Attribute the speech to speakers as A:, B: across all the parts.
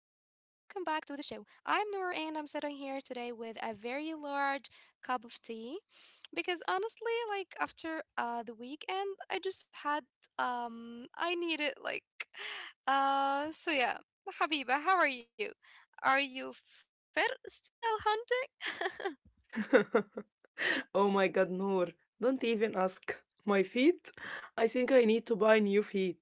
A: back to the show. I'm Noor and I'm sitting here today with a very large cup of tea because honestly, like after the weekend, I just had I needed like so yeah, Habiba, how are you? Are you fit still hunting?
B: Oh my God, Noor, don't even ask. My feet? I think I need to buy new feet.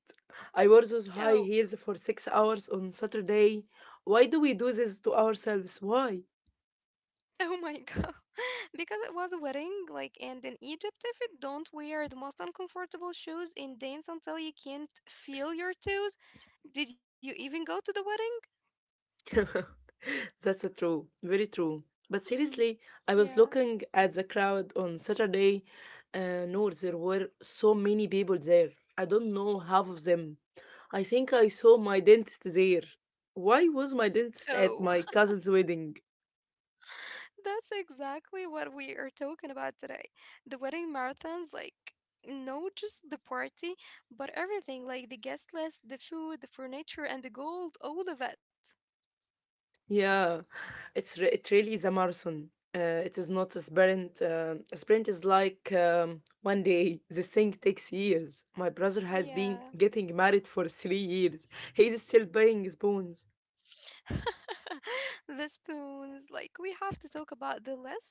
B: I wore those
A: Oh,
B: high heels for 6 hours on Saturday. Why do we do this to ourselves? Why?
A: oh my god. Because it was a wedding, like, and in Egypt, if you don't wear the most uncomfortable shoes and dance until you can't feel your toes, did you even go to the wedding?
B: That's true, very true. But
A: Mhm.
B: seriously, I
A: Yeah.
B: was looking at the crowd on Saturday. Noor, there were so many people there. I don't know half of them. I think I saw my dentist there. Why was my dentist
A: Oh,
B: at my cousin's wedding?
A: that's exactly what we are talking about today. The wedding marathons, like, no, just the party, but everything, like the guest list, the food, the furniture, and the gold, all of it.
B: Yeah, it really is a marathon. Uh, it is not a sprint. A sprint is like one day. This thing takes years. My brother has been
A: Yeah.
B: getting married for 3 years. He is still paying his bones.
A: The spoons, like we have to talk about the list,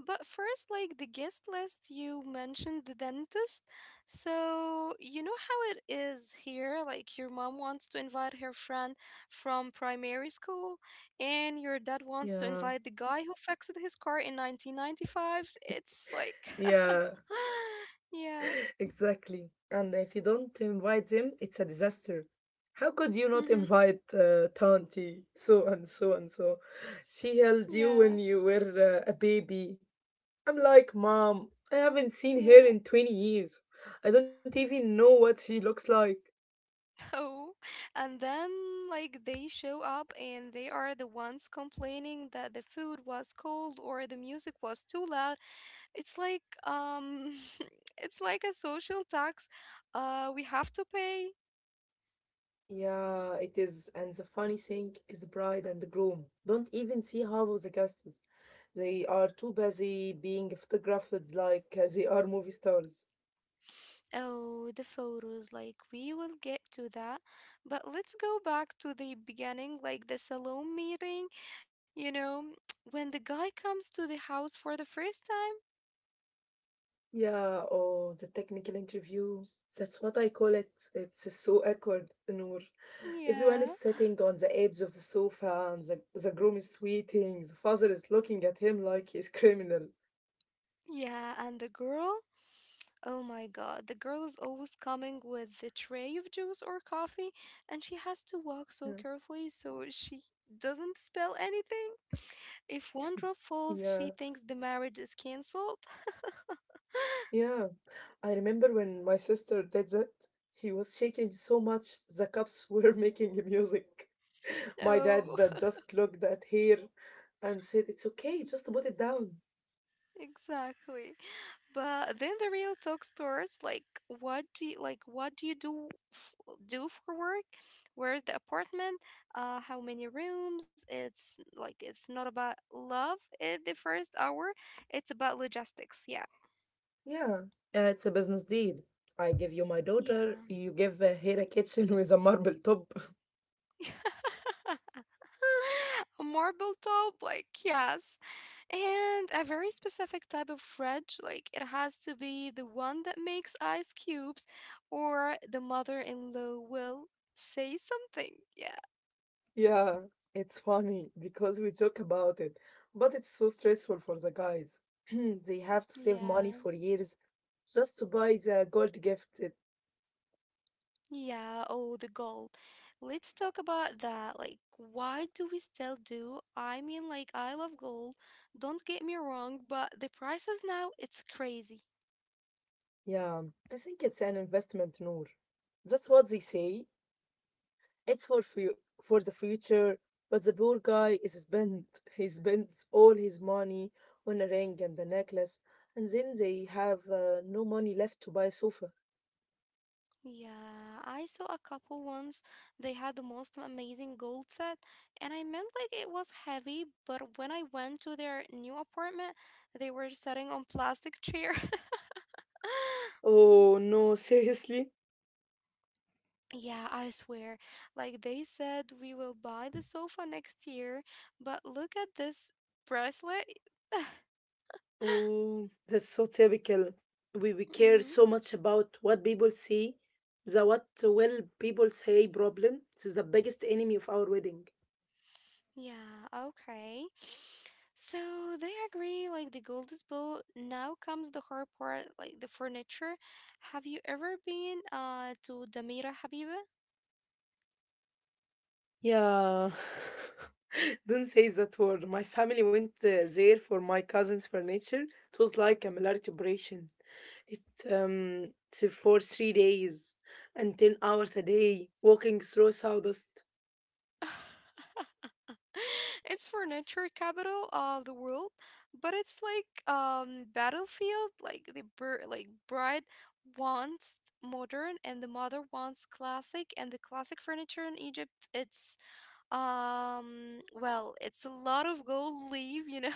A: but first, like the guest list, you mentioned the dentist. So you know how it is here, like your mom wants to invite her friend from primary school and your dad wants to
B: Yeah,
A: invite the guy who fixed his car in 1995. It's like
B: yeah.
A: yeah.
B: Exactly. And if you don't invite them, it's a disaster. How could you not
A: Hmm.
B: invite Tanti? So and so and so. She held you
A: Yeah,
B: when you were a baby. I'm like, Mom, I haven't seen her
A: yeah.
B: in 20 years. I don't even know what she looks like.
A: Oh, and then like they show up and they are the ones complaining that the food was cold or the music was too loud. It's like it's like a social tax we have to pay.
B: Yeah, it is. And the funny thing is, the bride and the groom don't even see half of the guests. They are too busy being photographed like they are movie stars.
A: Oh, the photos, like we will get to that. But let's go back to the beginning, like the salon meeting, you know, when the guy comes to the house for the first time.
B: Yeah, oh, the technical interview. That's what I call it. It's so awkward, Noor. Everyone is
A: Yeah.
B: sitting on the edge of the sofa, and the groom is sweating. The father is looking at him like he's criminal.
A: Yeah, and the girl? Oh my god, the girl is always coming with the tray of juice or coffee, and she has to walk so
B: Yeah,
A: carefully so she doesn't spill anything. If one drop falls, she
B: yeah.
A: thinks the marriage is cancelled.
B: Yeah. I remember when my sister did that. She was shaking so much, the cups were making music. My
A: Oh,
B: dad just looked at her and said, "It's okay, just put it down."
A: exactly. But then the real talk starts, like what do you do do for work? Where's the apartment? How many rooms? It's like it's not about love at the first hour. It's about logistics. Yeah.
B: Yeah, it's a business deal. I give you my daughter,
A: Yeah.
B: you give her a kitchen with a marble top.
A: A marble top, like, yes. And a very specific type of fridge, like, it has to be the one that makes ice cubes, or the mother in law will say something. Yeah.
B: Yeah, it's funny because we joke about it, but it's so stressful for the guys. They have to save
A: Yeah.
B: money for years just to buy the gold gift.
A: Yeah. Oh, the goal. Let's talk about that. Like, why do we still do? I mean, like, I love gold. Don't get me wrong, but the prices now, it's crazy.
B: Yeah, I think it's an investment, Noor. That's what they say, for the future, but the poor guy is spent. He spends all his money on a ring and a necklace, and then they have no money left to buy a sofa.
A: Yeah, I saw a couple once. They had the most amazing gold set, and I meant like it was heavy, but when I went to their new apartment, they were sitting on plastic chair.
B: Oh no, seriously?
A: Yeah, I swear. Like they said we will buy the sofa next year, but look at this bracelet.
B: Oh, that's so typical. We care
A: Mhm.
B: so much about what people see, the what will people say problem. This is the biggest enemy of our wedding.
A: Yeah, okay. So they agree, like the gold is bull. Now comes the hard part, like the furniture. Have you ever been to Damira, Habiba?
B: Yeah. Don't say that word. My family went there for my cousin's furniture. It was like a military operation. It it's for 3 days and 10 hours a day walking through sawdust.
A: It's furniture capital of the world, but it's like battlefield, like the like bride wants modern and the mother wants classic, and the classic furniture in Egypt, it's well, it's a lot of gold leaf, you know.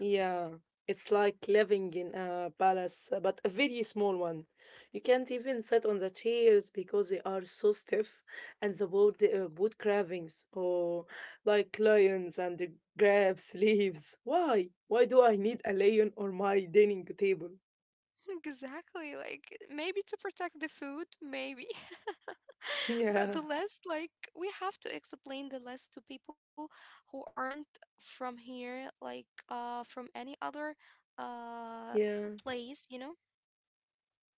B: Yeah, it's like living in a palace, but a very small one. You can't even sit on the chairs because they are so stiff, and the wood carvings, or like lions and the grapes leaves. Why? Why do I need a lion on my dining table?
A: Exactly. Like maybe to protect the food, maybe. But
B: Yeah,
A: the list, like we have to explain the list to people who aren't from here, like from any other uh
B: yeah,
A: place, you know?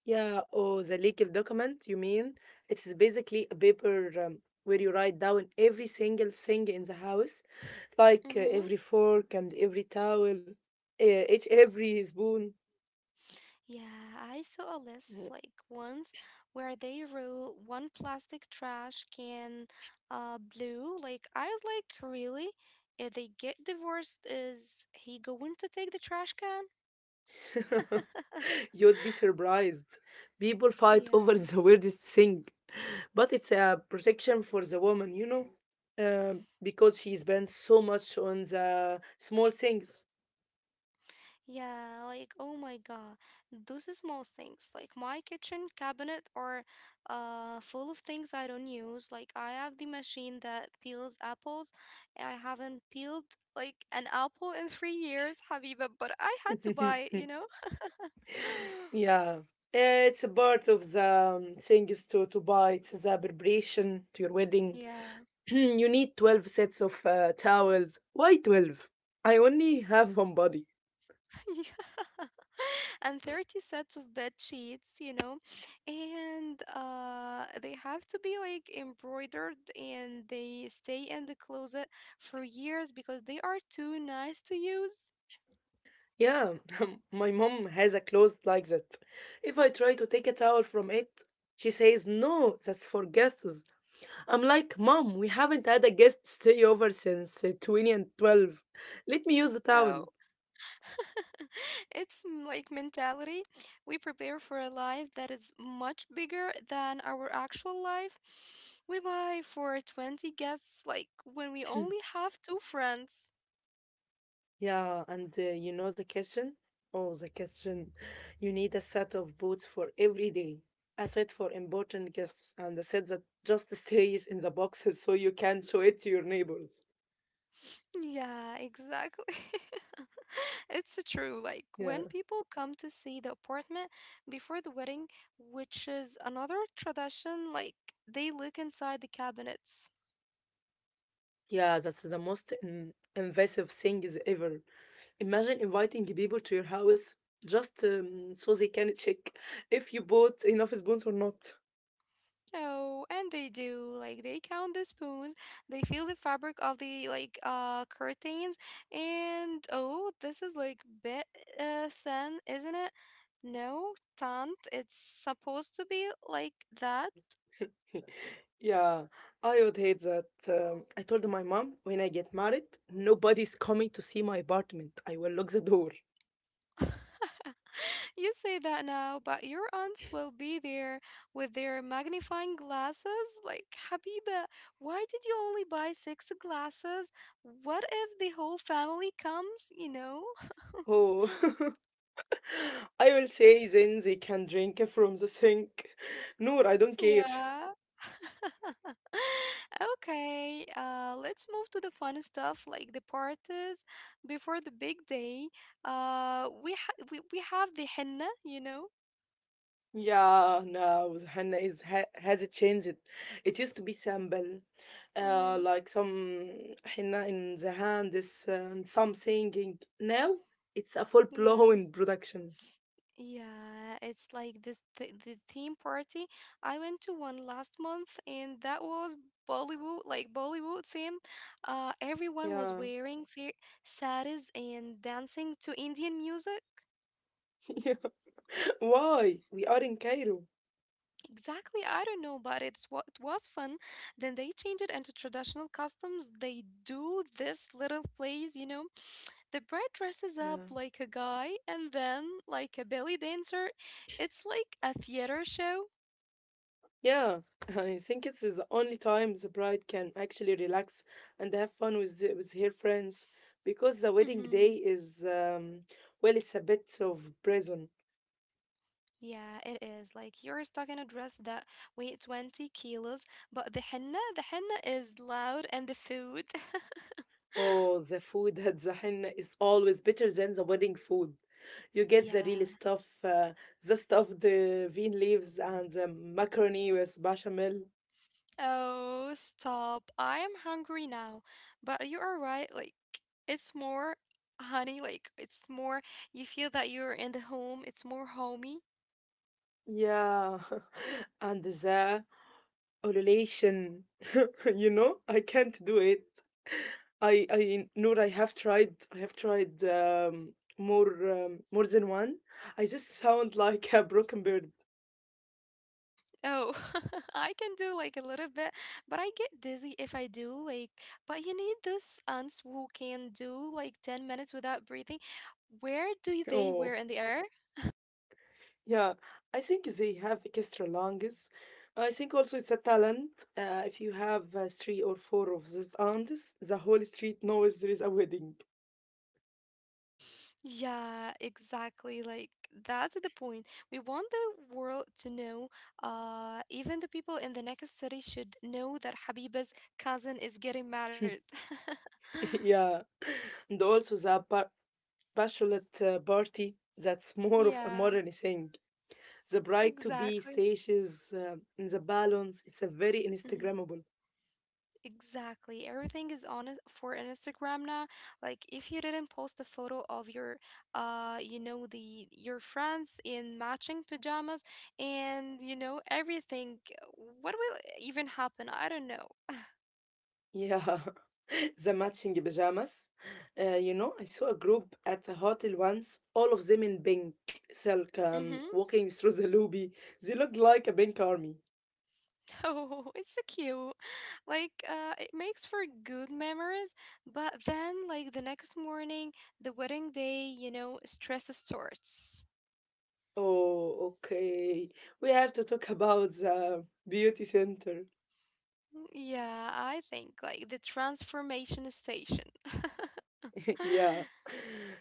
B: yeah. Oh, the legal document, you mean? It's basically a paper where you write down every single thing in the house like
A: Mm-hmm.
B: every fork and every towel, each every spoon.
A: Yeah, I saw a list like once where they wrote one plastic trash can, blue. Like, I was like, really? If they get divorced, is he going to take the trash can?
B: You'd be surprised. People fight
A: Yeah.
B: over the weirdest thing, but it's a protection for the woman, you know, uh, because she spends so much on the small things.
A: Yeah, like oh my god, those small things. Like my kitchen cabinet are full of things I don't use. Like I have the machine that peels apples. I haven't peeled like an apple in 3 years, Habiba, but I had to buy it, you know?
B: yeah, it's a part of the things to buy. It's the preparation to your wedding.
A: Yeah.
B: You need 12 sets of towels. Why 12? I only have one body.
A: Yeah. And 30 sets of bed sheets, you know, and they have to be like embroidered and they stay in the closet for years because they are too nice to use.
B: Yeah, my mom has a closet like that. If I try to take a towel from it, she says, No, that's for guests. I'm like, Mom, we haven't had a guest stay over since 2012. Let me use the
A: No,
B: towel.
A: like mentality. We prepare for a life that is much bigger than our actual life. We buy for 20 guests, like when we only have two friends.
B: Yeah, and you know the kitchen? Oh, the kitchen. You need a set of boots for every day, a set for important guests, and a set that just stays in the boxes so you can show it to your neighbors.
A: Yeah, exactly. It's true. Like when
B: Yeah.
A: people come to see the apartment before the wedding, which is another tradition, like, they look inside the cabinets.
B: Yeah, that's the most in invasive thing is ever. Imagine inviting people to your house just so they can check if you bought enough spoons or not.
A: Oh, and they do. Like they count the spoons, they feel the fabric of the like curtains, and oh, this is like bit thin, isn't it? No, tant. It's supposed to be like that.
B: Yeah, I would hate that. I told my mom when I get married, nobody's coming to see my apartment. I will lock the door.
A: You say that now, but your aunts will be there with their magnifying glasses. Like, Habiba, why did you only buy six glasses? What if the whole family comes, you know?
B: Oh, I will say then they can drink from the sink. Noor, I don't care.
A: Yeah. Okay, let's move to the fun stuff, like the parties before the big day. We ha we have the henna, you know?
B: Yeah, now Hannah is ha has it changed. It used to be simple,
A: Mm-hmm.
B: like some henna in the hand, this and some singing. Now it's a
A: Yeah.
B: full-blown production.
A: Yeah, it's like this th the theme party. I went to one last month and that was Bollywood, like Bollywood theme. Everyone was
B: Yeah.
A: wearing saris and dancing to Indian music.
B: Why? We are in Cairo.
A: Exactly, I don't know, but it's what was fun. Then they changed it into traditional costumes. They do this little plays, you know. The bride dresses up
B: Yeah.
A: like a guy and then like a belly dancer. It's like a theater show.
B: Yeah, I think it is the only time the bride can actually relax and have fun with with her friends because the
A: Mm-hmm.
B: wedding day is well, it's a bit of prison.
A: Yeah, it is. Like you're stuck in a dress that weigh 20 kilos, but the henna is loud, and the food.
B: Oh, the food at the henna is always better than the wedding food. You get the real
A: Yeah.
B: stuff, the stuffed the bean leaves and the macaroni with bechamel.
A: Oh, stop. I am hungry now. But you are right. Like, it's more honey. Like, it's more, you feel that you're in the home. It's more homey.
B: Yeah, and the A relation. You know, I can't do it. I know I have tried. I have tried more than one. I just sound like a broken bird.
A: Oh, I can do like a little bit, but I get dizzy if I do. Like, but you need those aunts who can do like 10 minutes without breathing. Where do they were
B: Oh,
A: in the air?
B: yeah. I think they have extra lungs. I think also it's a talent. If you have three or four of these aunts, the whole street knows there is a wedding.
A: Yeah, exactly. Like, that's the point. We want the world to know. Even the people in the next city should know that Habiba's cousin is getting married.
B: Yeah, and also the bachelorette party. That's more of a
A: Yeah,
B: modern thing. The bride to be
A: exactly.
B: sashes in the balance. It's a very Instagrammable.
A: Exactly. Everything is on it for Instagram now. Like if you didn't post a photo of your you know, the your friends in matching pajamas and you know everything, what will even happen? I don't know.
B: Yeah, the matching pajamas. You know, I saw a group at a hotel once, all of them in pink silk,
A: Mm-hmm.
B: walking through the lobby. They looked like a pink army.
A: Oh, it's so cute. Like it makes for good memories, but then like the next morning, the wedding day, you know, stress starts.
B: Oh, okay. We have to talk about the beauty center.
A: Yeah, I think like the transformation station.
B: yeah,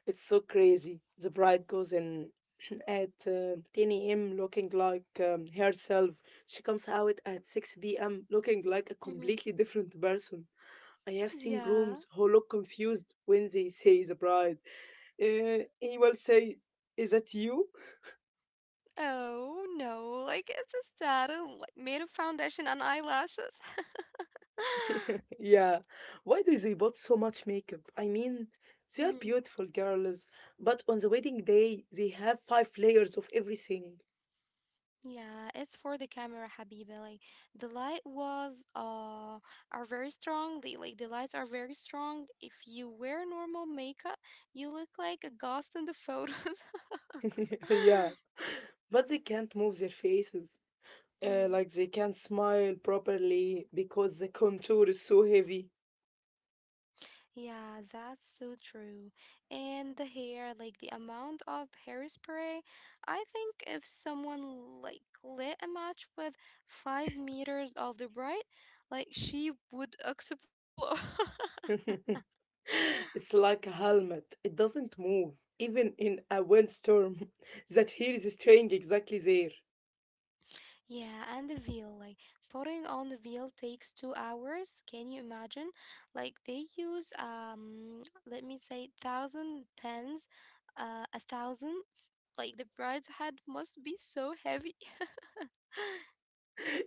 B: it's so crazy. The bride goes in at 10 a.m. looking like herself. She comes out at 6 p.m. looking like a
A: Mhm.
B: completely different person. I have seen
A: Yeah.
B: grooms who look confused when they say the bride. He will say, Is that you?
A: Oh no, like it's a saddle like made of foundation and eyelashes.
B: yeah. Why do they put so much makeup? I mean,
A: Hmm.
B: they are beautiful girls, but on the wedding day, they have five layers of everything.
A: Yeah, it's for the camera, Habiba. Like the light was are very strong. The lights are very strong. If you wear normal makeup, you look like a ghost in the photos.
B: yeah, but they can't move their faces.
A: Hmm.
B: Like they can't smile properly because the contour is so heavy.
A: Yeah, that's so true. And the hair, like the amount of hairspray, I think if someone like lit a match with 5 meters of the bright, like she would explode.
B: It's like a helmet. It doesn't move, even in a windstorm. That hair is staying exactly there.
A: Yeah, and the veil, like putting on the veil takes 2 hours. Can you imagine? Like they use let me say thousand pens, a thousand. Like the bride's head must be so heavy.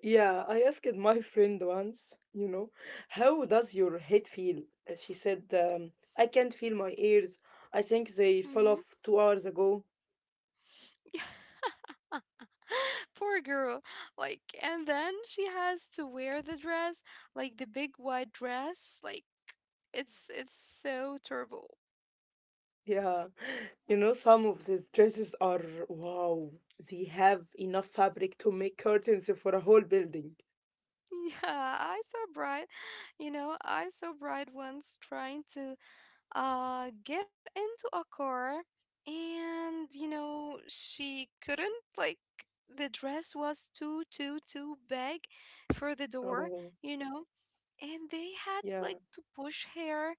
B: Yeah, I asked my friend once, you know, how does your head feel? She said, I can't feel my ears. I think they
A: Mm-hmm.
B: fell off 2 hours ago.
A: Poor girl. Like, and then she has to wear the dress, like the big white dress. Like, it's so terrible.
B: Yeah, You know, some of these dresses are wow. They have enough fabric to make curtains for a whole building.
A: Yeah, I saw bride, you know, I saw bride once trying to get into a car, and you know she couldn't. Like, the dress was too big for the door,
B: Oh,
A: you know, and they had
B: yeah.
A: like to push her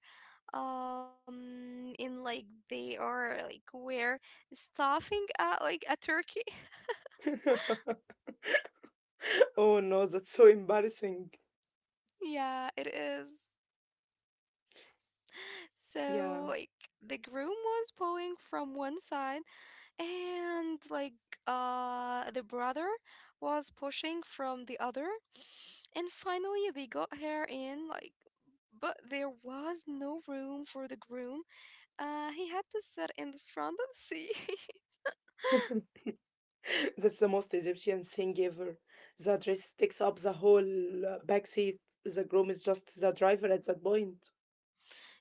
A: in, like they are like we're stuffing like a turkey.
B: Oh no, that's so embarrassing.
A: Yeah, it is.
B: Yeah.
A: So like the groom was pulling from one side, and like the brother was pushing from the other, and finally they got her in, like, but there was no room for the groom. He had to sit in the front of the seat.
B: That's the most Egyptian thing ever. The dress takes up the whole back seat. The groom is just the driver at that point.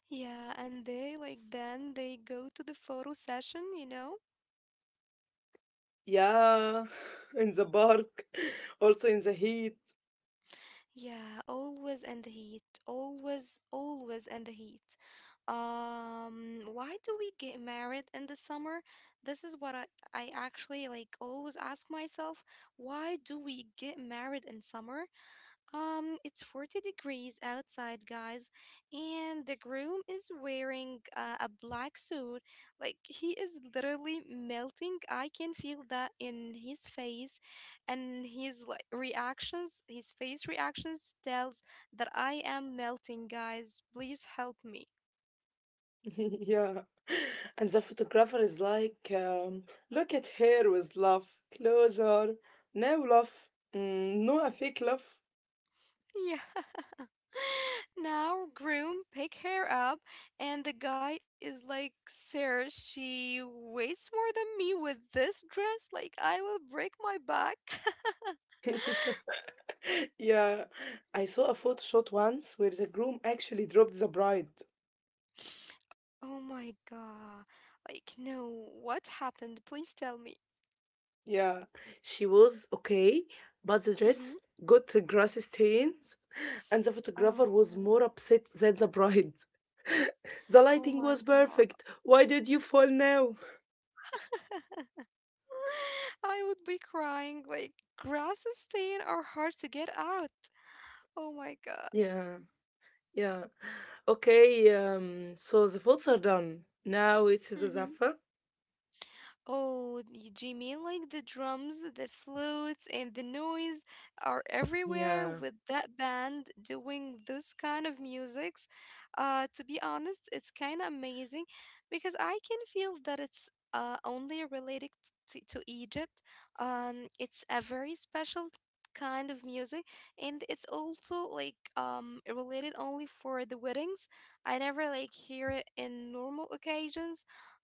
A: Yeah, and they like then they go to the photo session, you know?
B: Yeah, in the park, also in the heat.
A: Yeah, always in the heat. Always in the heat. Why do we get married in the summer? This is what I actually like always ask myself. Why do we get married in summer? It's 40 degrees outside, guys, and the groom is wearing a black suit. Like, he is literally melting. I can feel that in his face and his like reactions, his face reactions tells that I am melting, guys. Please help me.
B: yeah. And the photographer is like, look at her with love, closer, no love, no a fake love.
A: Yeah. Now, groom pick her up, and the guy is like, "Sir, she weighs more than me with this dress. Like, I will break my back."
B: yeah, I saw a photo shot once where the groom actually dropped the bride.
A: Oh my god! Like, no, what happened? Please tell me.
B: Yeah, she was okay, but the dress
A: Mm-hmm.
B: got grass stains, and the photographer was more
A: Oh,
B: upset than the bride. The
A: oh
B: lighting
A: my
B: was
A: god!
B: perfect. Why did you fall now?
A: I would be crying. Like, grass stain are hard to get out. Oh my god!
B: Yeah. Yeah. Okay, so the foods are done. Now it's the zaffa.
A: Oh, do you mean like the drums, the flutes, and the noise are everywhere
B: Yeah,
A: with that band doing this kind of musics? To be honest, it's kind of amazing because I can feel that it's only related to Egypt. It's a very special kind of music, and it's also like related only for the weddings. I never like hear it in normal occasions.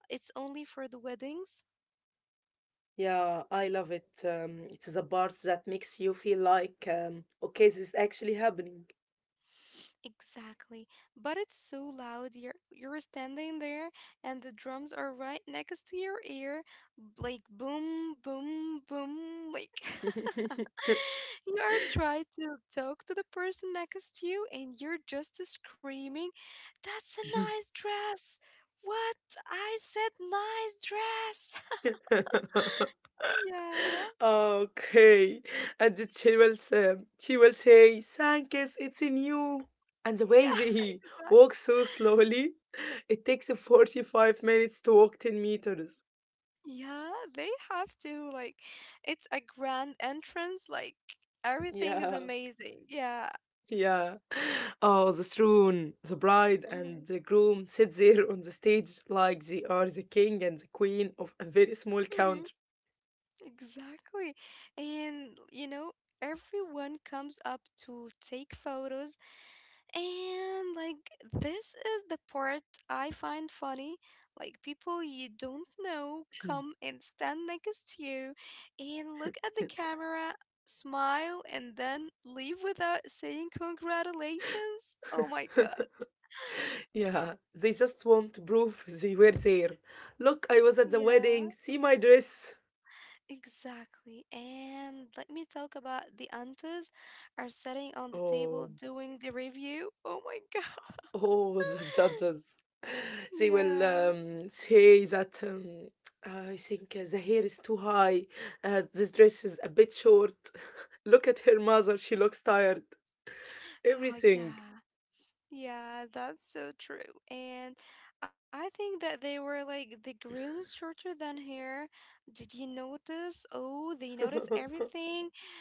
A: It's only for the weddings.
B: yeah, I love it. It is a part that makes you feel like, okay, this is actually happening.
A: Exactly. But it's so loud. You're standing there and the drums are right next to your ear, like boom, boom, boom, like you are trying to talk to the person next to you and you're just screaming, "That's a nice dress." What? I said nice dress. Yeah.
B: Okay, and she will say, Sankis, it's in you. And the way
A: Yeah,
B: they
A: exactly.
B: walk so slowly, it takes 45 minutes to walk 10 meters.
A: Yeah, they have to like it's a grand entrance, like everything is
B: Yeah.
A: amazing. Yeah.
B: Yeah. Oh, the throne. The bride and
A: Mhm.
B: the groom sit there on the stage like they are the king and the queen of a very small
A: Mhm.
B: country.
A: Exactly. And you know, everyone comes up to take photos. And like this is the part I find funny. Like people you don't know come and stand next to you and look at the camera, smile, and then leave without saying congratulations. Oh my god.
B: yeah, they just want to prove they were there. Look, I was at the
A: Yeah,
B: wedding. See my dress.
A: exactly. And let me talk about the aunties are sitting on the table
B: Oh,
A: doing the review. Oh my god.
B: oh, the judges. They will
A: Yeah.
B: say that I think the hair is too high. This dress is a bit short. Look at her mother. She looks tired.
A: Oh
B: Everything.
A: yeah. Yeah, that's so true. And I think that they were like, the groom is shorter than her. Did you notice? Oh, they notice everything.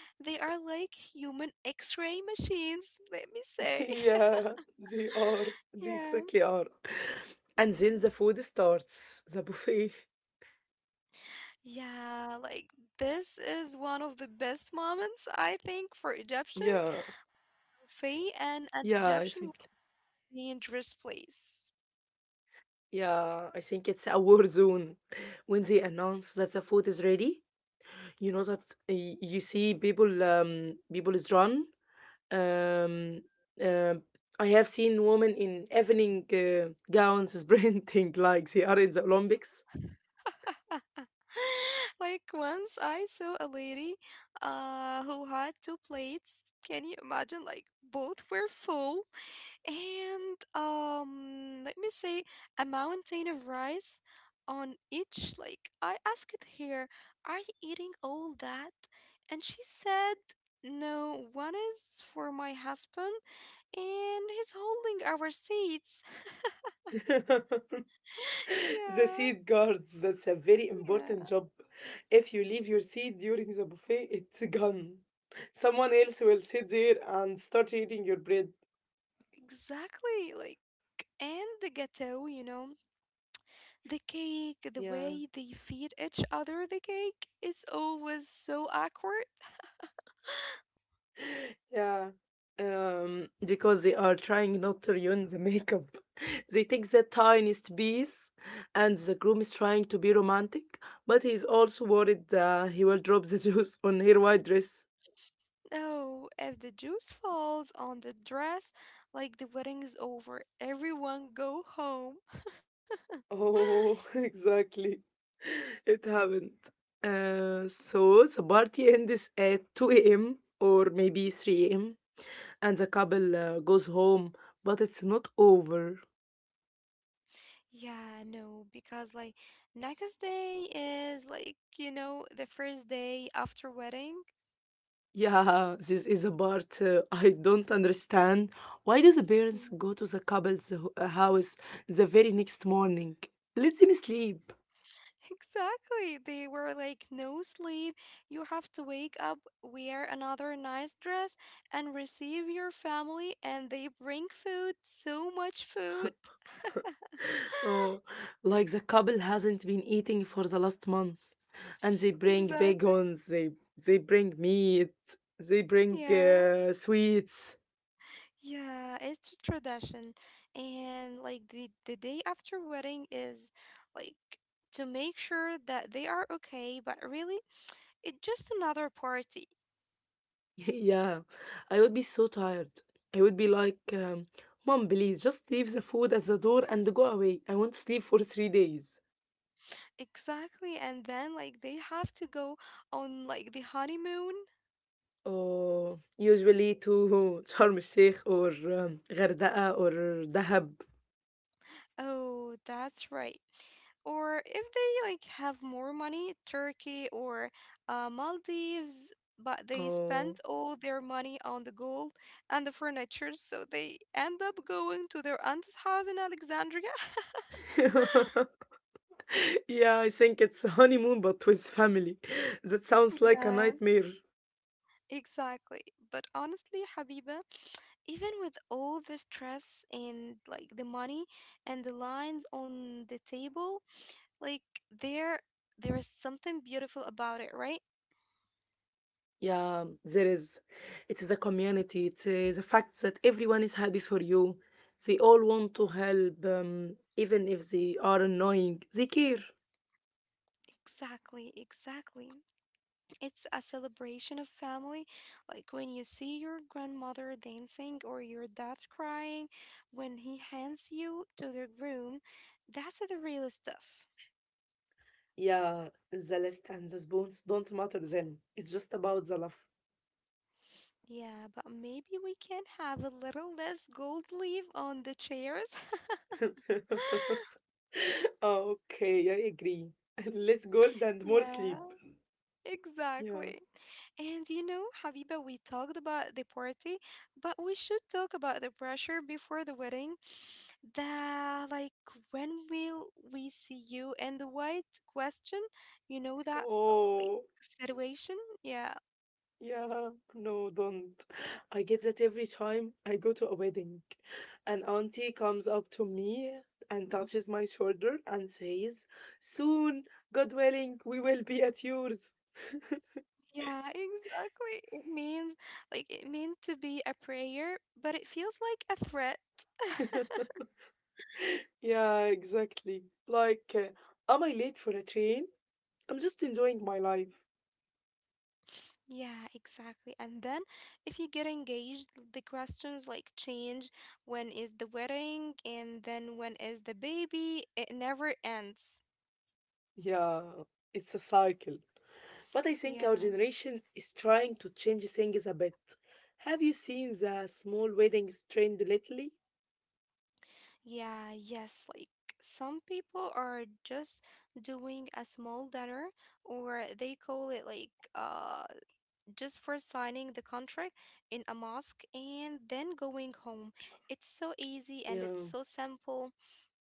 A: They are like human X-ray machines, let me say.
B: Yeah, they are. They
A: Yeah.
B: exactly are. And then the food starts, the buffet.
A: Yeah, like this is one of the best moments, I think, for Egyptians.
B: Yeah,
A: Faye and an
B: yeah, I
A: Egyptian
B: think.
A: would be in dress place.
B: Yeah, I think it's a war zone. When they announce that the food is ready, you know that people is run. Um, um I have seen women in evening gowns sprinting like they are in the Olympics.
A: Like once I saw a lady who had two plates. Can you imagine? Like both were full and let me say a mountain of rice on each. Like I asked her, "Are you eating all that?" And she said, "No, one is for my husband and he's holding our seats."
B: The
A: Yeah,
B: seat guards, that's a very
A: yeah,
B: important job. If you leave your seat during the buffet, it's gone. Someone else will sit there and start eating your bread.
A: exactly. Like, and the ghetto, you know, the cake, the way
B: Yeah,
A: they feed each other the cake is always so awkward.
B: yeah. Because they are trying not to ruin the makeup. They take the tiniest piece, and the groom is trying to be romantic, but he's also worried he will drop the juice on her white dress.
A: No, if the juice falls on the dress, like the wedding is over, everyone go home.
B: Oh, exactly. It happened. So the party ends at 2 a.m. or maybe 3 a.m. and the couple goes home, but it's not over.
A: Yeah, no, because like next day is like, you know, the first day after wedding.
B: Yeah, this is a part I don't understand. Why do the parents go to the couple's house the very next morning? Let them sleep.
A: Exactly. They were like, no sleep. You have to wake up, wear another nice dress, and receive your family. And they bring food, so much food.
B: Oh, like the couple hasn't been eating for the last month, and they bring
A: Exactly.
B: bacons, they bring meat, they bring
A: Yeah.
B: sweets.
A: Yeah. It's a tradition. And like the day after wedding is like to make sure that they are okay, but really, it's just another party.
B: yeah, I would be so tired. I would be like, Mom, please just leave the food at the door and go away. I want to sleep for 3 days.
A: Exactly. And then like they have to go on like the honeymoon.
B: Or usually to Sharm el Sheikh or Ghardaqah or Dahab.
A: Oh, that's right. Or if they like have more money, Turkey or Maldives, but they
B: Oh.
A: spent all their money on the gold and the furniture, so they end up going to their aunt's house in Alexandria.
B: Yeah, I think it's a honeymoon but with family. That sounds like a
A: Yeah,
B: nightmare.
A: exactly. But honestly, Habiba, even with all the stress and like the money and the lines on the table, like there is something beautiful about it, right?
B: Yeah, there is. It's the community. It's the fact that everyone is happy for you. They all want to help, even if they are annoying. They care.
A: Exactly, exactly. It's a celebration of family. Like when you see your grandmother dancing or your dad crying when he hands you to the room, that's the real stuff.
B: Yeah, the list and the spoons don't matter then. It's just about the love.
A: Yeah, but maybe we can have a little less gold leaf on the chairs.
B: okay, I agree. Less gold and more
A: Yeah,
B: sleep. Yeah.
A: exactly. And you know, Habiba, we talked about the party, but we should talk about the pressure before the wedding. The like when will we see you and the white question, you know that like
B: Oh.
A: situation. Yeah.
B: Yeah, no, don't. I get that every time I go to a wedding. An auntie comes up to me and touches my shoulder and says, "Soon, God willing, we will be at yours."
A: Yeah, exactly, it means like it meant to be a prayer but it feels like a threat.
B: Yeah, exactly. Like, am I late for a train? I'm just enjoying my life.
A: Yeah, exactly. And then if you get engaged, the questions like change. When is the wedding? And then when is the baby? It never ends.
B: Yeah, it's a cycle. But I think our
A: Yeah.
B: generation is trying to change things a bit. Have you seen the small weddings trend lately?
A: Yeah, yes, like some people are just doing a small dinner or they call it like just for signing the contract in a mosque and then going home. It's so easy and it's
B: Yeah.
A: so simple.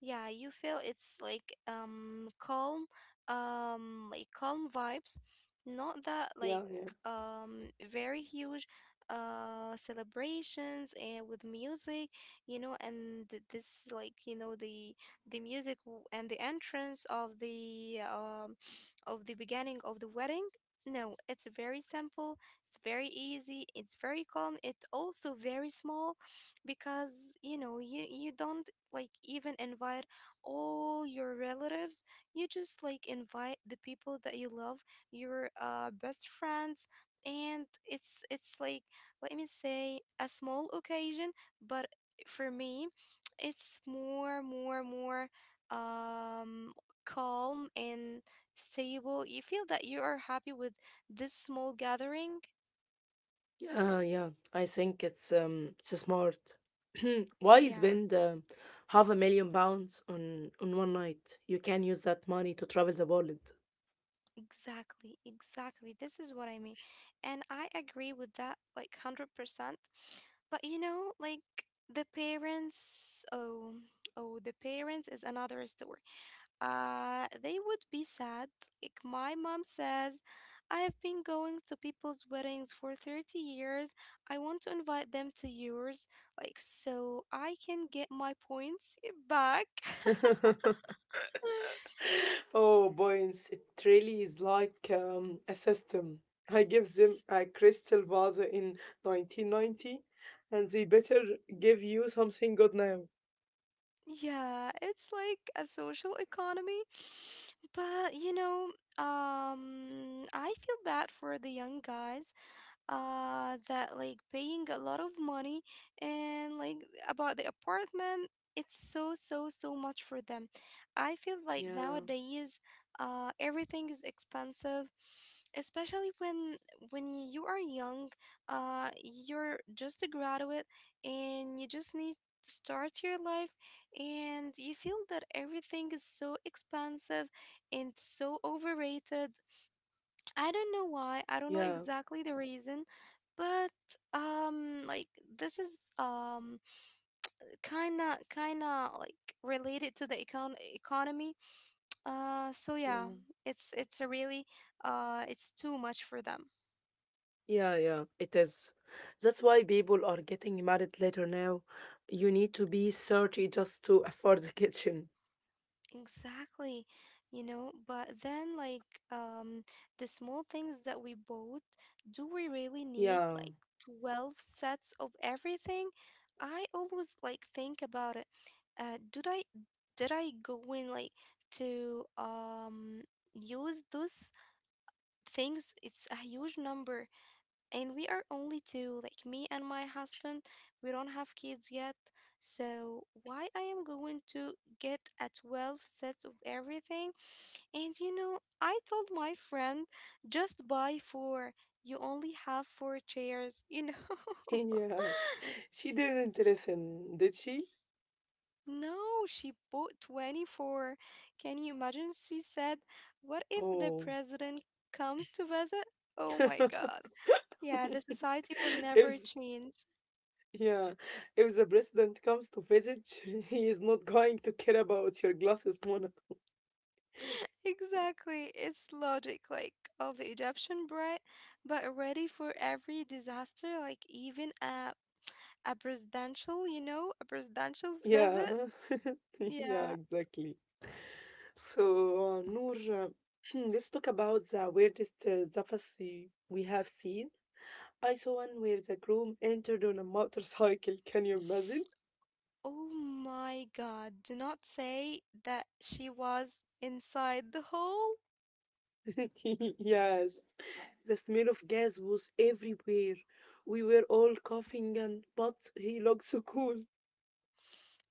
A: Yeah, you feel it's like calm, like calm vibes, not that
B: Yeah,
A: like
B: yeah,
A: very huge celebrations and with music, you know, and this like you know the the music and the entrance of the beginning of the wedding. No, it's very simple, it's very easy, it's very calm, it's also very small because you know, you don't like even invite all your relatives. You just like invite the people that you love, your best friends, and it's like let me say a small occasion, but for me, it's more um calm and stable. You feel that you are happy with this small gathering.
B: yeah, yeah. I think it's smart. Why
A: Yeah,
B: spend half a million pounds on one night? You can use that money to travel the world.
A: exactly, exactly. This is what I mean. And I agree with that like 100%. But you know, like the parents, oh, oh, the parents is another story. They would be sad. Like my mom says, I have been going to people's weddings for 30 years. I want to invite them to yours, like so I can get my points back.
B: oh, points! It really is like a system. I give them a crystal vase in 1990, and they better give you something good now.
A: Yeah, it's like a social economy. But you know, I feel bad for the young guys that like paying a lot of money and like about the apartment, it's so much for them. I feel like
B: Yeah,
A: nowadays everything is expensive, especially when you are young, you're just a graduate and you just need to start your life and you feel that everything is so expensive and so overrated. I don't know why. I don't know
B: yeah,
A: exactly the reason, but like this is um kind of like related to the economy. So yeah,
B: yeah.
A: it's a really it's too much for them.
B: Yeah, yeah, it is. That's why people are getting married later now. You need to be 30 just to afford the kitchen.
A: Exactly, you know, but then like um the small things that we bought, do we really need
B: Yeah,
A: like 12 sets of everything? I always like think about it. Uh did I did I go in like to use those things? It's a huge number and we are only two, like me and my husband, we don't have kids yet, so why I am going to get a 12 sets of everything. And you know I told my friend just buy four, you only have four chairs, you know.
B: yeah. She didn't listen, did she?
A: No, she bought 24. Can you imagine? She said, what if the
B: Oh.
A: president comes to visit? Oh my god. Yeah, the society will
B: If
A: never change.
B: yeah, if the president comes to visit, he is not going to care about your glasses, Mona.
A: Exactly. It's logic like of the Egyptian bride, but ready for every disaster, like even a presidential, you know, a presidential visit.
B: Yeah, yeah,
A: Yeah.
B: exactly. So, Noor, uh, let's talk about the weirdest zaphasy we have seen. I saw one where the groom entered on a motorcycle. Can you imagine?
A: Oh my God. Do not say that she was inside the hall.
B: Yes, the smell of gas was everywhere. We were all coughing, and but he looked so cool.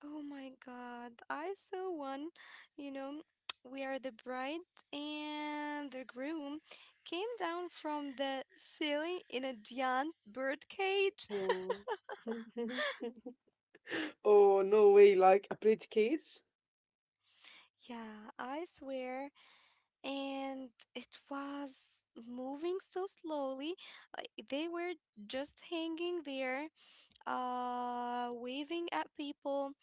A: Oh my God. I saw one, you know, we are the bride and the groom came down from the ceiling in a giant bird cage.
B: Oh, oh, no way! Like a bridge case?
A: Yeah, I swear. And it was moving so slowly. Uh, They were just hanging there, waving at people.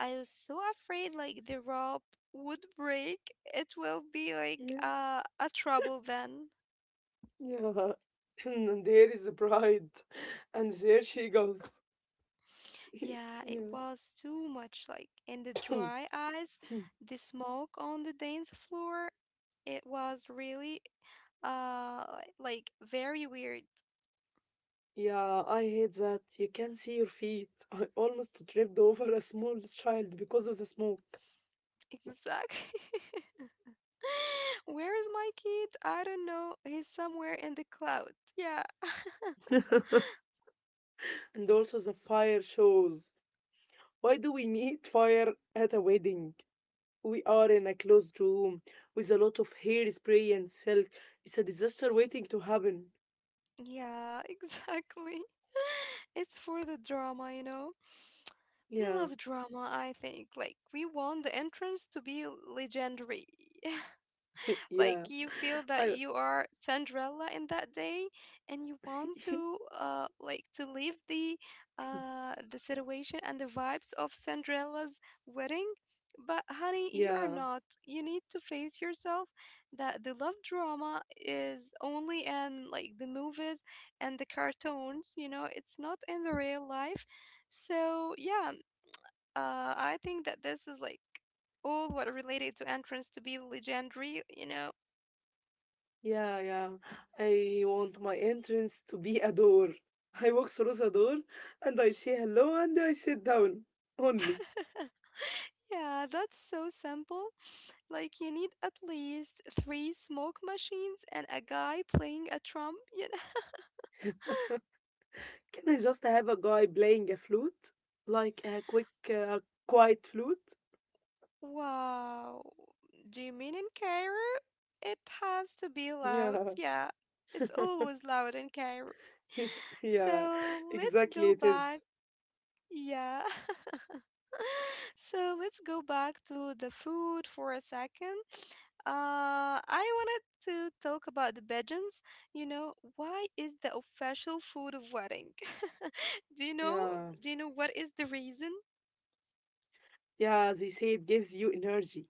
A: I was so afraid like the rope would break. It will be like a trouble then.
B: Yeah. And there is the bride. And there she goes.
A: Yeah, it
B: yeah.
A: was too much. Like in the dry ice, the smoke on the dance floor, it was really uh like very weird.
B: yeah, I hate that. You can see your feet. I almost tripped over a small child because of the smoke.
A: Exactly. Where is my kid? I don't know. He's somewhere in the cloud. Yeah.
B: and also the fire shows. Why do we need fire at a wedding? We are in a closed room with a lot of hair spray and silk. It's a disaster waiting to happen.
A: Yeah, exactly. It's for the drama, you know? We
B: Yeah,
A: love drama, I think. Like, we want the entrance to be legendary.
B: yeah.
A: Like you feel that
B: I
A: you are Cinderella in that day, and you want to like to leave the situation and the vibes of Cinderella's wedding. But honey, you are
B: yeah.
A: not. You need to face yourself that the love drama is only in like the movies and the cartoons, you know, it's not in the real life. So yeah, I think that this is like all what related to entrance to be legendary, you know.
B: Yeah, yeah. I want my entrance to be a door. I walk through the door and I say hello and I sit down only.
A: Yeah, that's so simple. Like, you need at least 3 smoke machines and a guy playing a trump, you know?
B: Can I just have a guy playing a flute? Like a quick, uh, quiet flute?
A: Wow. Do you mean in Cairo? It has to be loud.
B: Yeah.
A: Yeah, it's always loud in Cairo.
B: yeah,
A: So let's
B: exactly
A: go
B: it
A: back.
B: is.
A: Yeah. So let's go back to the food for a second. I wanted to talk about the pigeons. You know, why is the official food of wedding? Do you know?
B: Yeah.
A: Do you know what is the reason?
B: Yeah, they say it gives you energy.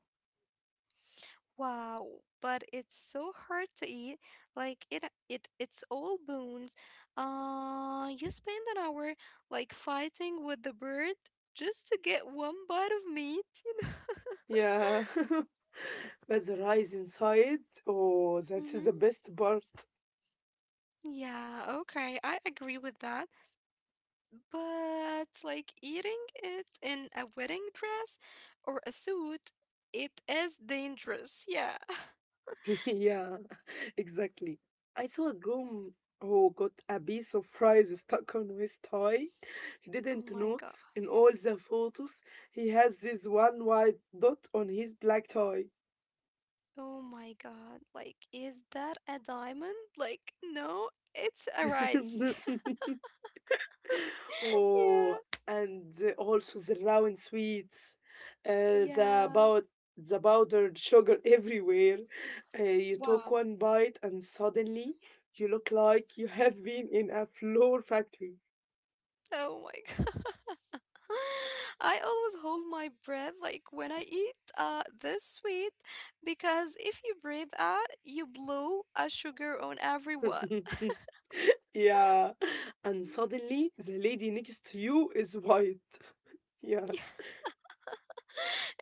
A: Wow, but it's so hard to eat. Like it's all bones. You spend an hour like fighting with the bird just to get one bite of meat. You
B: Yeah. but the rise inside, oh, that's
A: know?
B: the best part.
A: Yeah, okay, I agree with that. But like eating it in a wedding dress or a suit, it is dangerous. Yeah.
B: yeah, exactly. I saw a groom who got a piece of fries stuck on his tie. He
A: Oh
B: didn't
A: my god.
B: notice in all the photos he has this one white dot on his black tie.
A: Oh my god. Like, is that a diamond? Like, no, it's a rice. Yeah.
B: oh, and also the round sweets, uh, the
A: Yeah.
B: about the powdered sugar everywhere. You took
A: Wow.
B: one bite and suddenly you look like you have been in a flour factory.
A: Oh my god. I always hold my breath like when I eat this sweet because if you breathe out, you blow a sugar on everyone.
B: yeah, and
A: Mm,
B: suddenly the lady next to you is white. Yeah.
A: Yeah.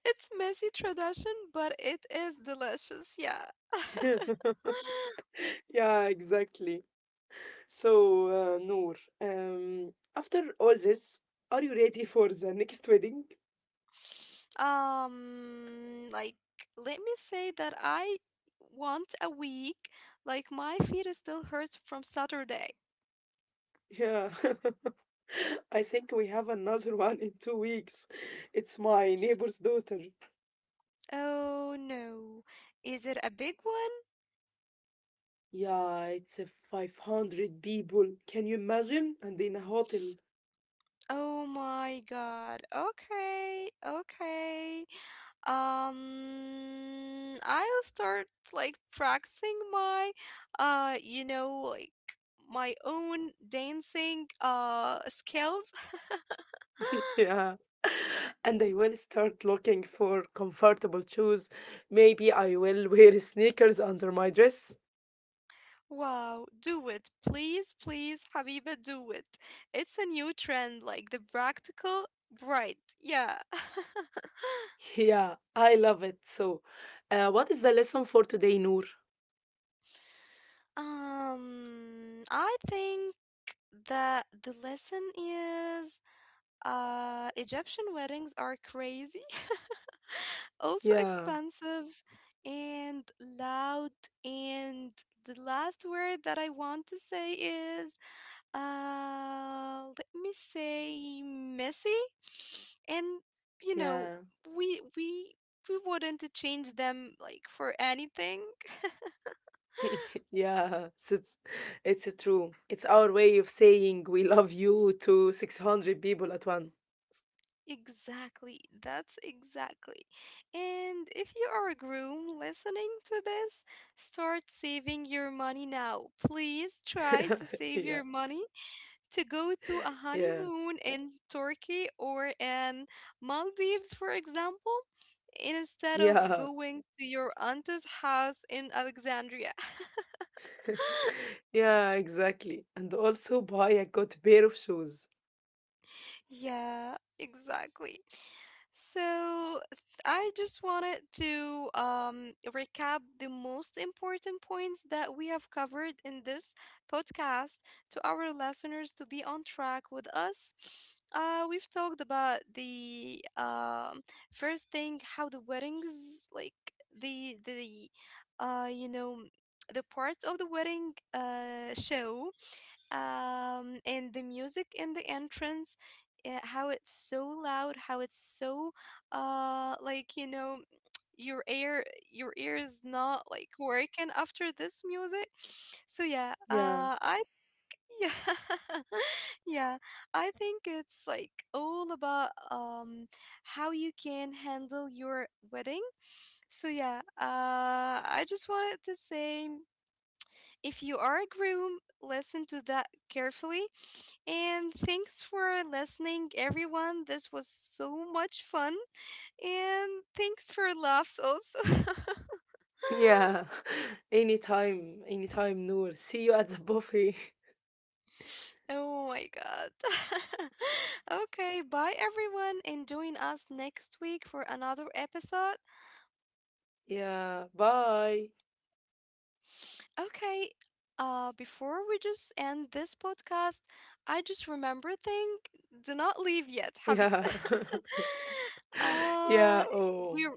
A: It's messy tradition, but it is delicious. Yeah.
B: Yeah, exactly. So, Noor, after all this, are you ready for the next wedding?
A: Like let me say that I want a week. Like my feet still hurts from Saturday.
B: Yeah, I think we have another one in 2 weeks. It's my neighbor's daughter.
A: Oh no. Is it a big one?
B: Yeah, it's a 500 people. Can you imagine? And in a hotel.
A: Oh my God. Okay. Okay. I'll start like practicing my uh, you know, like my own dancing skills.
B: Yeah. And I will start looking for comfortable shoes. Maybe I will wear sneakers under my dress.
A: Wow, do it. Please, please, Habiba, do it. It's a new trend like the practical bright. Yeah.
B: Yeah, I love it. So, what is the lesson for today, Noor?
A: I think that the lesson is Egyptian weddings are crazy, also
B: Yeah.
A: expensive and loud. And the last word that I want to say is, let me say messy. And you know,
B: Yeah.
A: we wouldn't change them like for anything.
B: yeah. So it's true. It's our way of saying we love you to 600 people at once.
A: Exactly. That's exactly. And if you are a groom listening to this, start saving your money now. Please try to save your
B: yeah.
A: money to go to a
B: Yeah.
A: honeymoon in Turkey or in Maldives, for example, instead of
B: Yeah.
A: going to your aunt's house in Alexandria.
B: Yeah, exactly. And also buy a good pair of shoes.
A: Yeah, exactly. So I just wanted to recap the most important points that we have covered in this podcast to our listeners to be on track with us. We've talked about the first thing, how the weddings, like the you know the parts of the wedding show and the music in the entrance, how it's so loud, how it's so uh like you know your ear your ear is not like working after this music. So yeah,
B: Yeah.
A: I yeah yeah, I think it's like all about how you can handle your wedding. So yeah, I just wanted to say, if you are a groom, listen to that carefully. And thanks for listening, everyone. This was so much fun. And thanks for laughs also.
B: Yeah. Anytime, anytime, Noor. See you at the buffet.
A: Oh my god. Okay, bye everyone, and join us next week for another episode.
B: Yeah. Bye.
A: Okay. Before we just end this podcast, I just remember thing. Do not leave yet, Habib.
B: Yeah.
A: uh,
B: Yeah. Oh.
A: we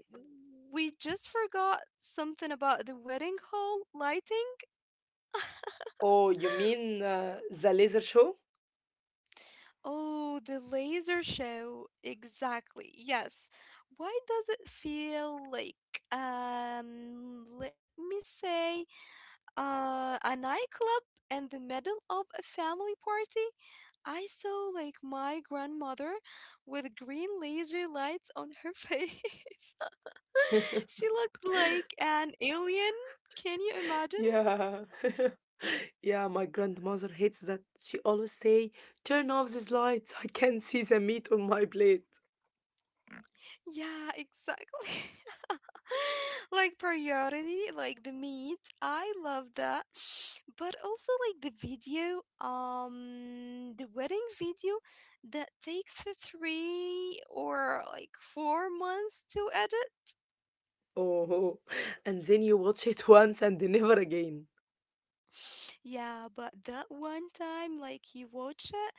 A: we just forgot something about the wedding hall lighting.
B: Oh, you mean the laser show?
A: Oh, the laser show. Exactly. Yes. Why does it feel like? Let me say, a nightclub in the middle of a family party. I saw like my grandmother with green laser lights on her face. She looked like an alien. Can you imagine?
B: Yeah. Yeah, my grandmother hates that. She always say, "Turn off these lights. I can't see the meat on my plate."
A: Yeah, exactly. Like priority, like the meat. I love that. But also like the video, the wedding video that takes three or like 4 months to edit.
B: Oh, and then you watch it once and never again.
A: Yeah, but that one time, like you watch it,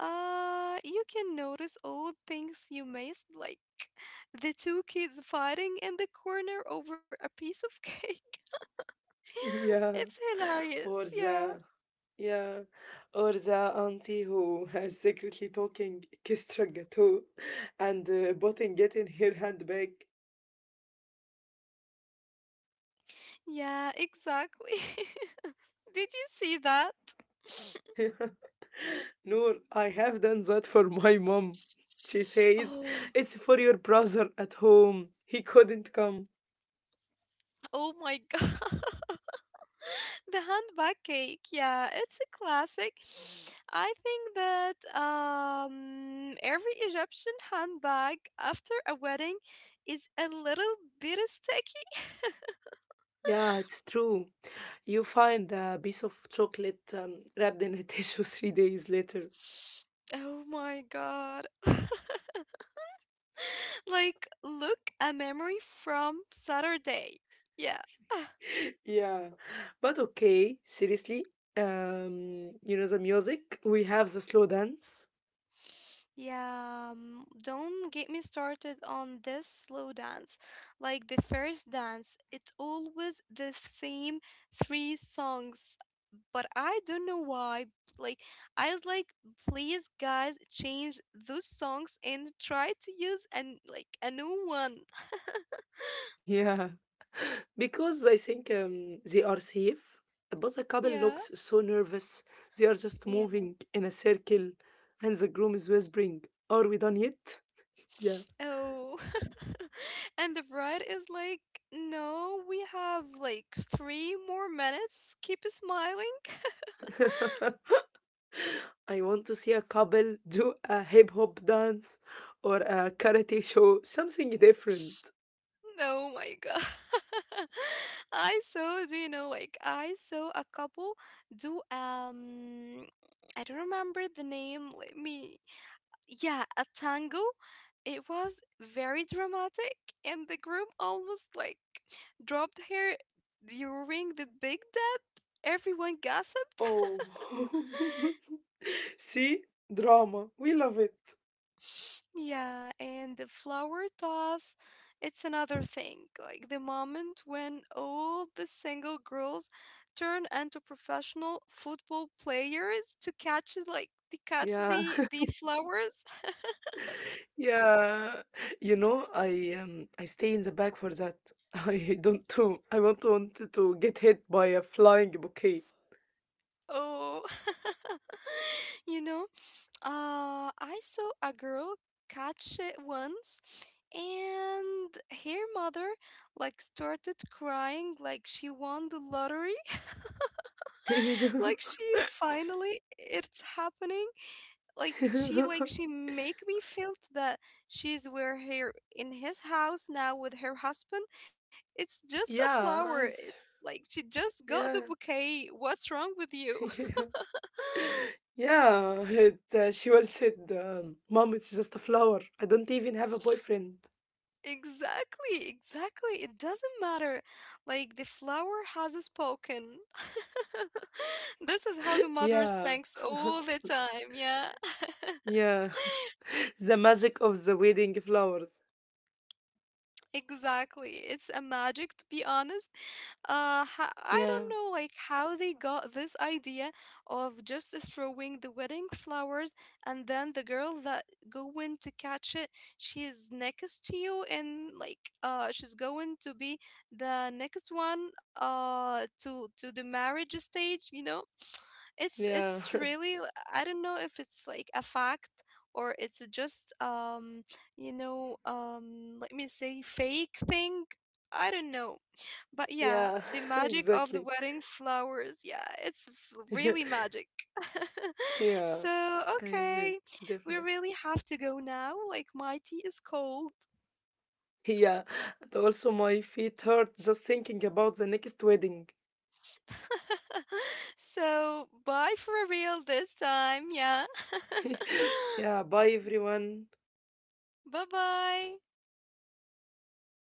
A: you can notice all things you missed, like the two kids fighting in the corner over a piece of cake.
B: Yeah.
A: It's hilarious.
B: Or
A: Yeah.
B: the, Yeah. Or the auntie who has secretly talking Kestra Gateau and putting it in her handbag.
A: Yeah, exactly. Did you see that?
B: Noor, I have done that for my mom. She says,
A: Oh,
B: "It's for your brother at home. He couldn't come."
A: oh my God. The handbag cake, yeah, it's a classic. I think that every Egyptian handbag after a wedding is a little bit sticky.
B: Yeah, it's true. You find a piece of chocolate wrapped in a tissue 3 days later.
A: Oh my god. Like, look, a memory from Saturday. Yeah.
B: Yeah, but okay, seriously, you know, the music, we have the slow dance.
A: Yeah, don't get me started on this slow dance. Like the first dance, it's always the same three songs. But I don't know why. Like, I was like, please, guys, change those songs and try to use an like a new one.
B: Yeah, because I think they are safe, but the couple
A: Yeah,
B: looks so nervous. They are just
A: yeah.
B: moving in a circle, and the groom is whispering, "Are we done yet?" Yeah.
A: Oh, and the bride is like, no, we have like three more minutes. Keep smiling.
B: I want to see a couple do a hip hop dance or a karate show, something different.
A: Oh my god. I saw, do you know, like I saw a couple do I don't remember the name. Let me yeah, a tango. It was very dramatic, and the groom almost like dropped her during the big dip. Everyone gossiped.
B: Oh, see, drama. We love it.
A: Yeah, and the flower toss, it's another thing. Like the moment when all the single girls turn into professional football players to catch, like, to catch
B: Yeah,
A: the flowers.
B: Yeah, you know, I stay in the back for that. I don't do, I won't want to get hit by a flying bouquet.
A: Oh, you know? I saw a girl catch it once, and her mother like started crying like she won the lottery, like she finally it's happening. Like she make me feel that she's where here in his house now with her husband. It's just a flower.
B: Yeah,
A: It,
B: it's-
A: like she just got the
B: yeah,
A: bouquet. What's wrong with you?
B: yeah. She once said, "Mom, it's just a flower. I don't even have a boyfriend."
A: Exactly, exactly. It doesn't matter. Like the flower has spoken. This is how the mother
B: Yeah,
A: sings all the time. Yeah.
B: yeah. The magic of the wedding flowers.
A: Exactly. It's a magic, to be honest. I don't
B: Yeah,
A: know like how they got this idea of just throwing the wedding flowers, and then the girl that going to catch it, she's next to you, and like she's going to be the next one to the marriage stage, you know. It's
B: yeah,
A: really I don't know if it's like a fact or it's just let me say fake thing. I don't know. But yeah,
B: yeah.
A: the magic of the
B: Exactly.
A: wedding flowers. Yeah, it's really magic.
B: Yeah.
A: So,
B: I did,
A: okay. We
B: definitely.
A: really have to go now. Like my tea is cold.
B: Yeah, and also my feet hurt just thinking about the next wedding.
A: So, bye for real this time. Yeah.
B: yeah, bye everyone.
A: Bye bye.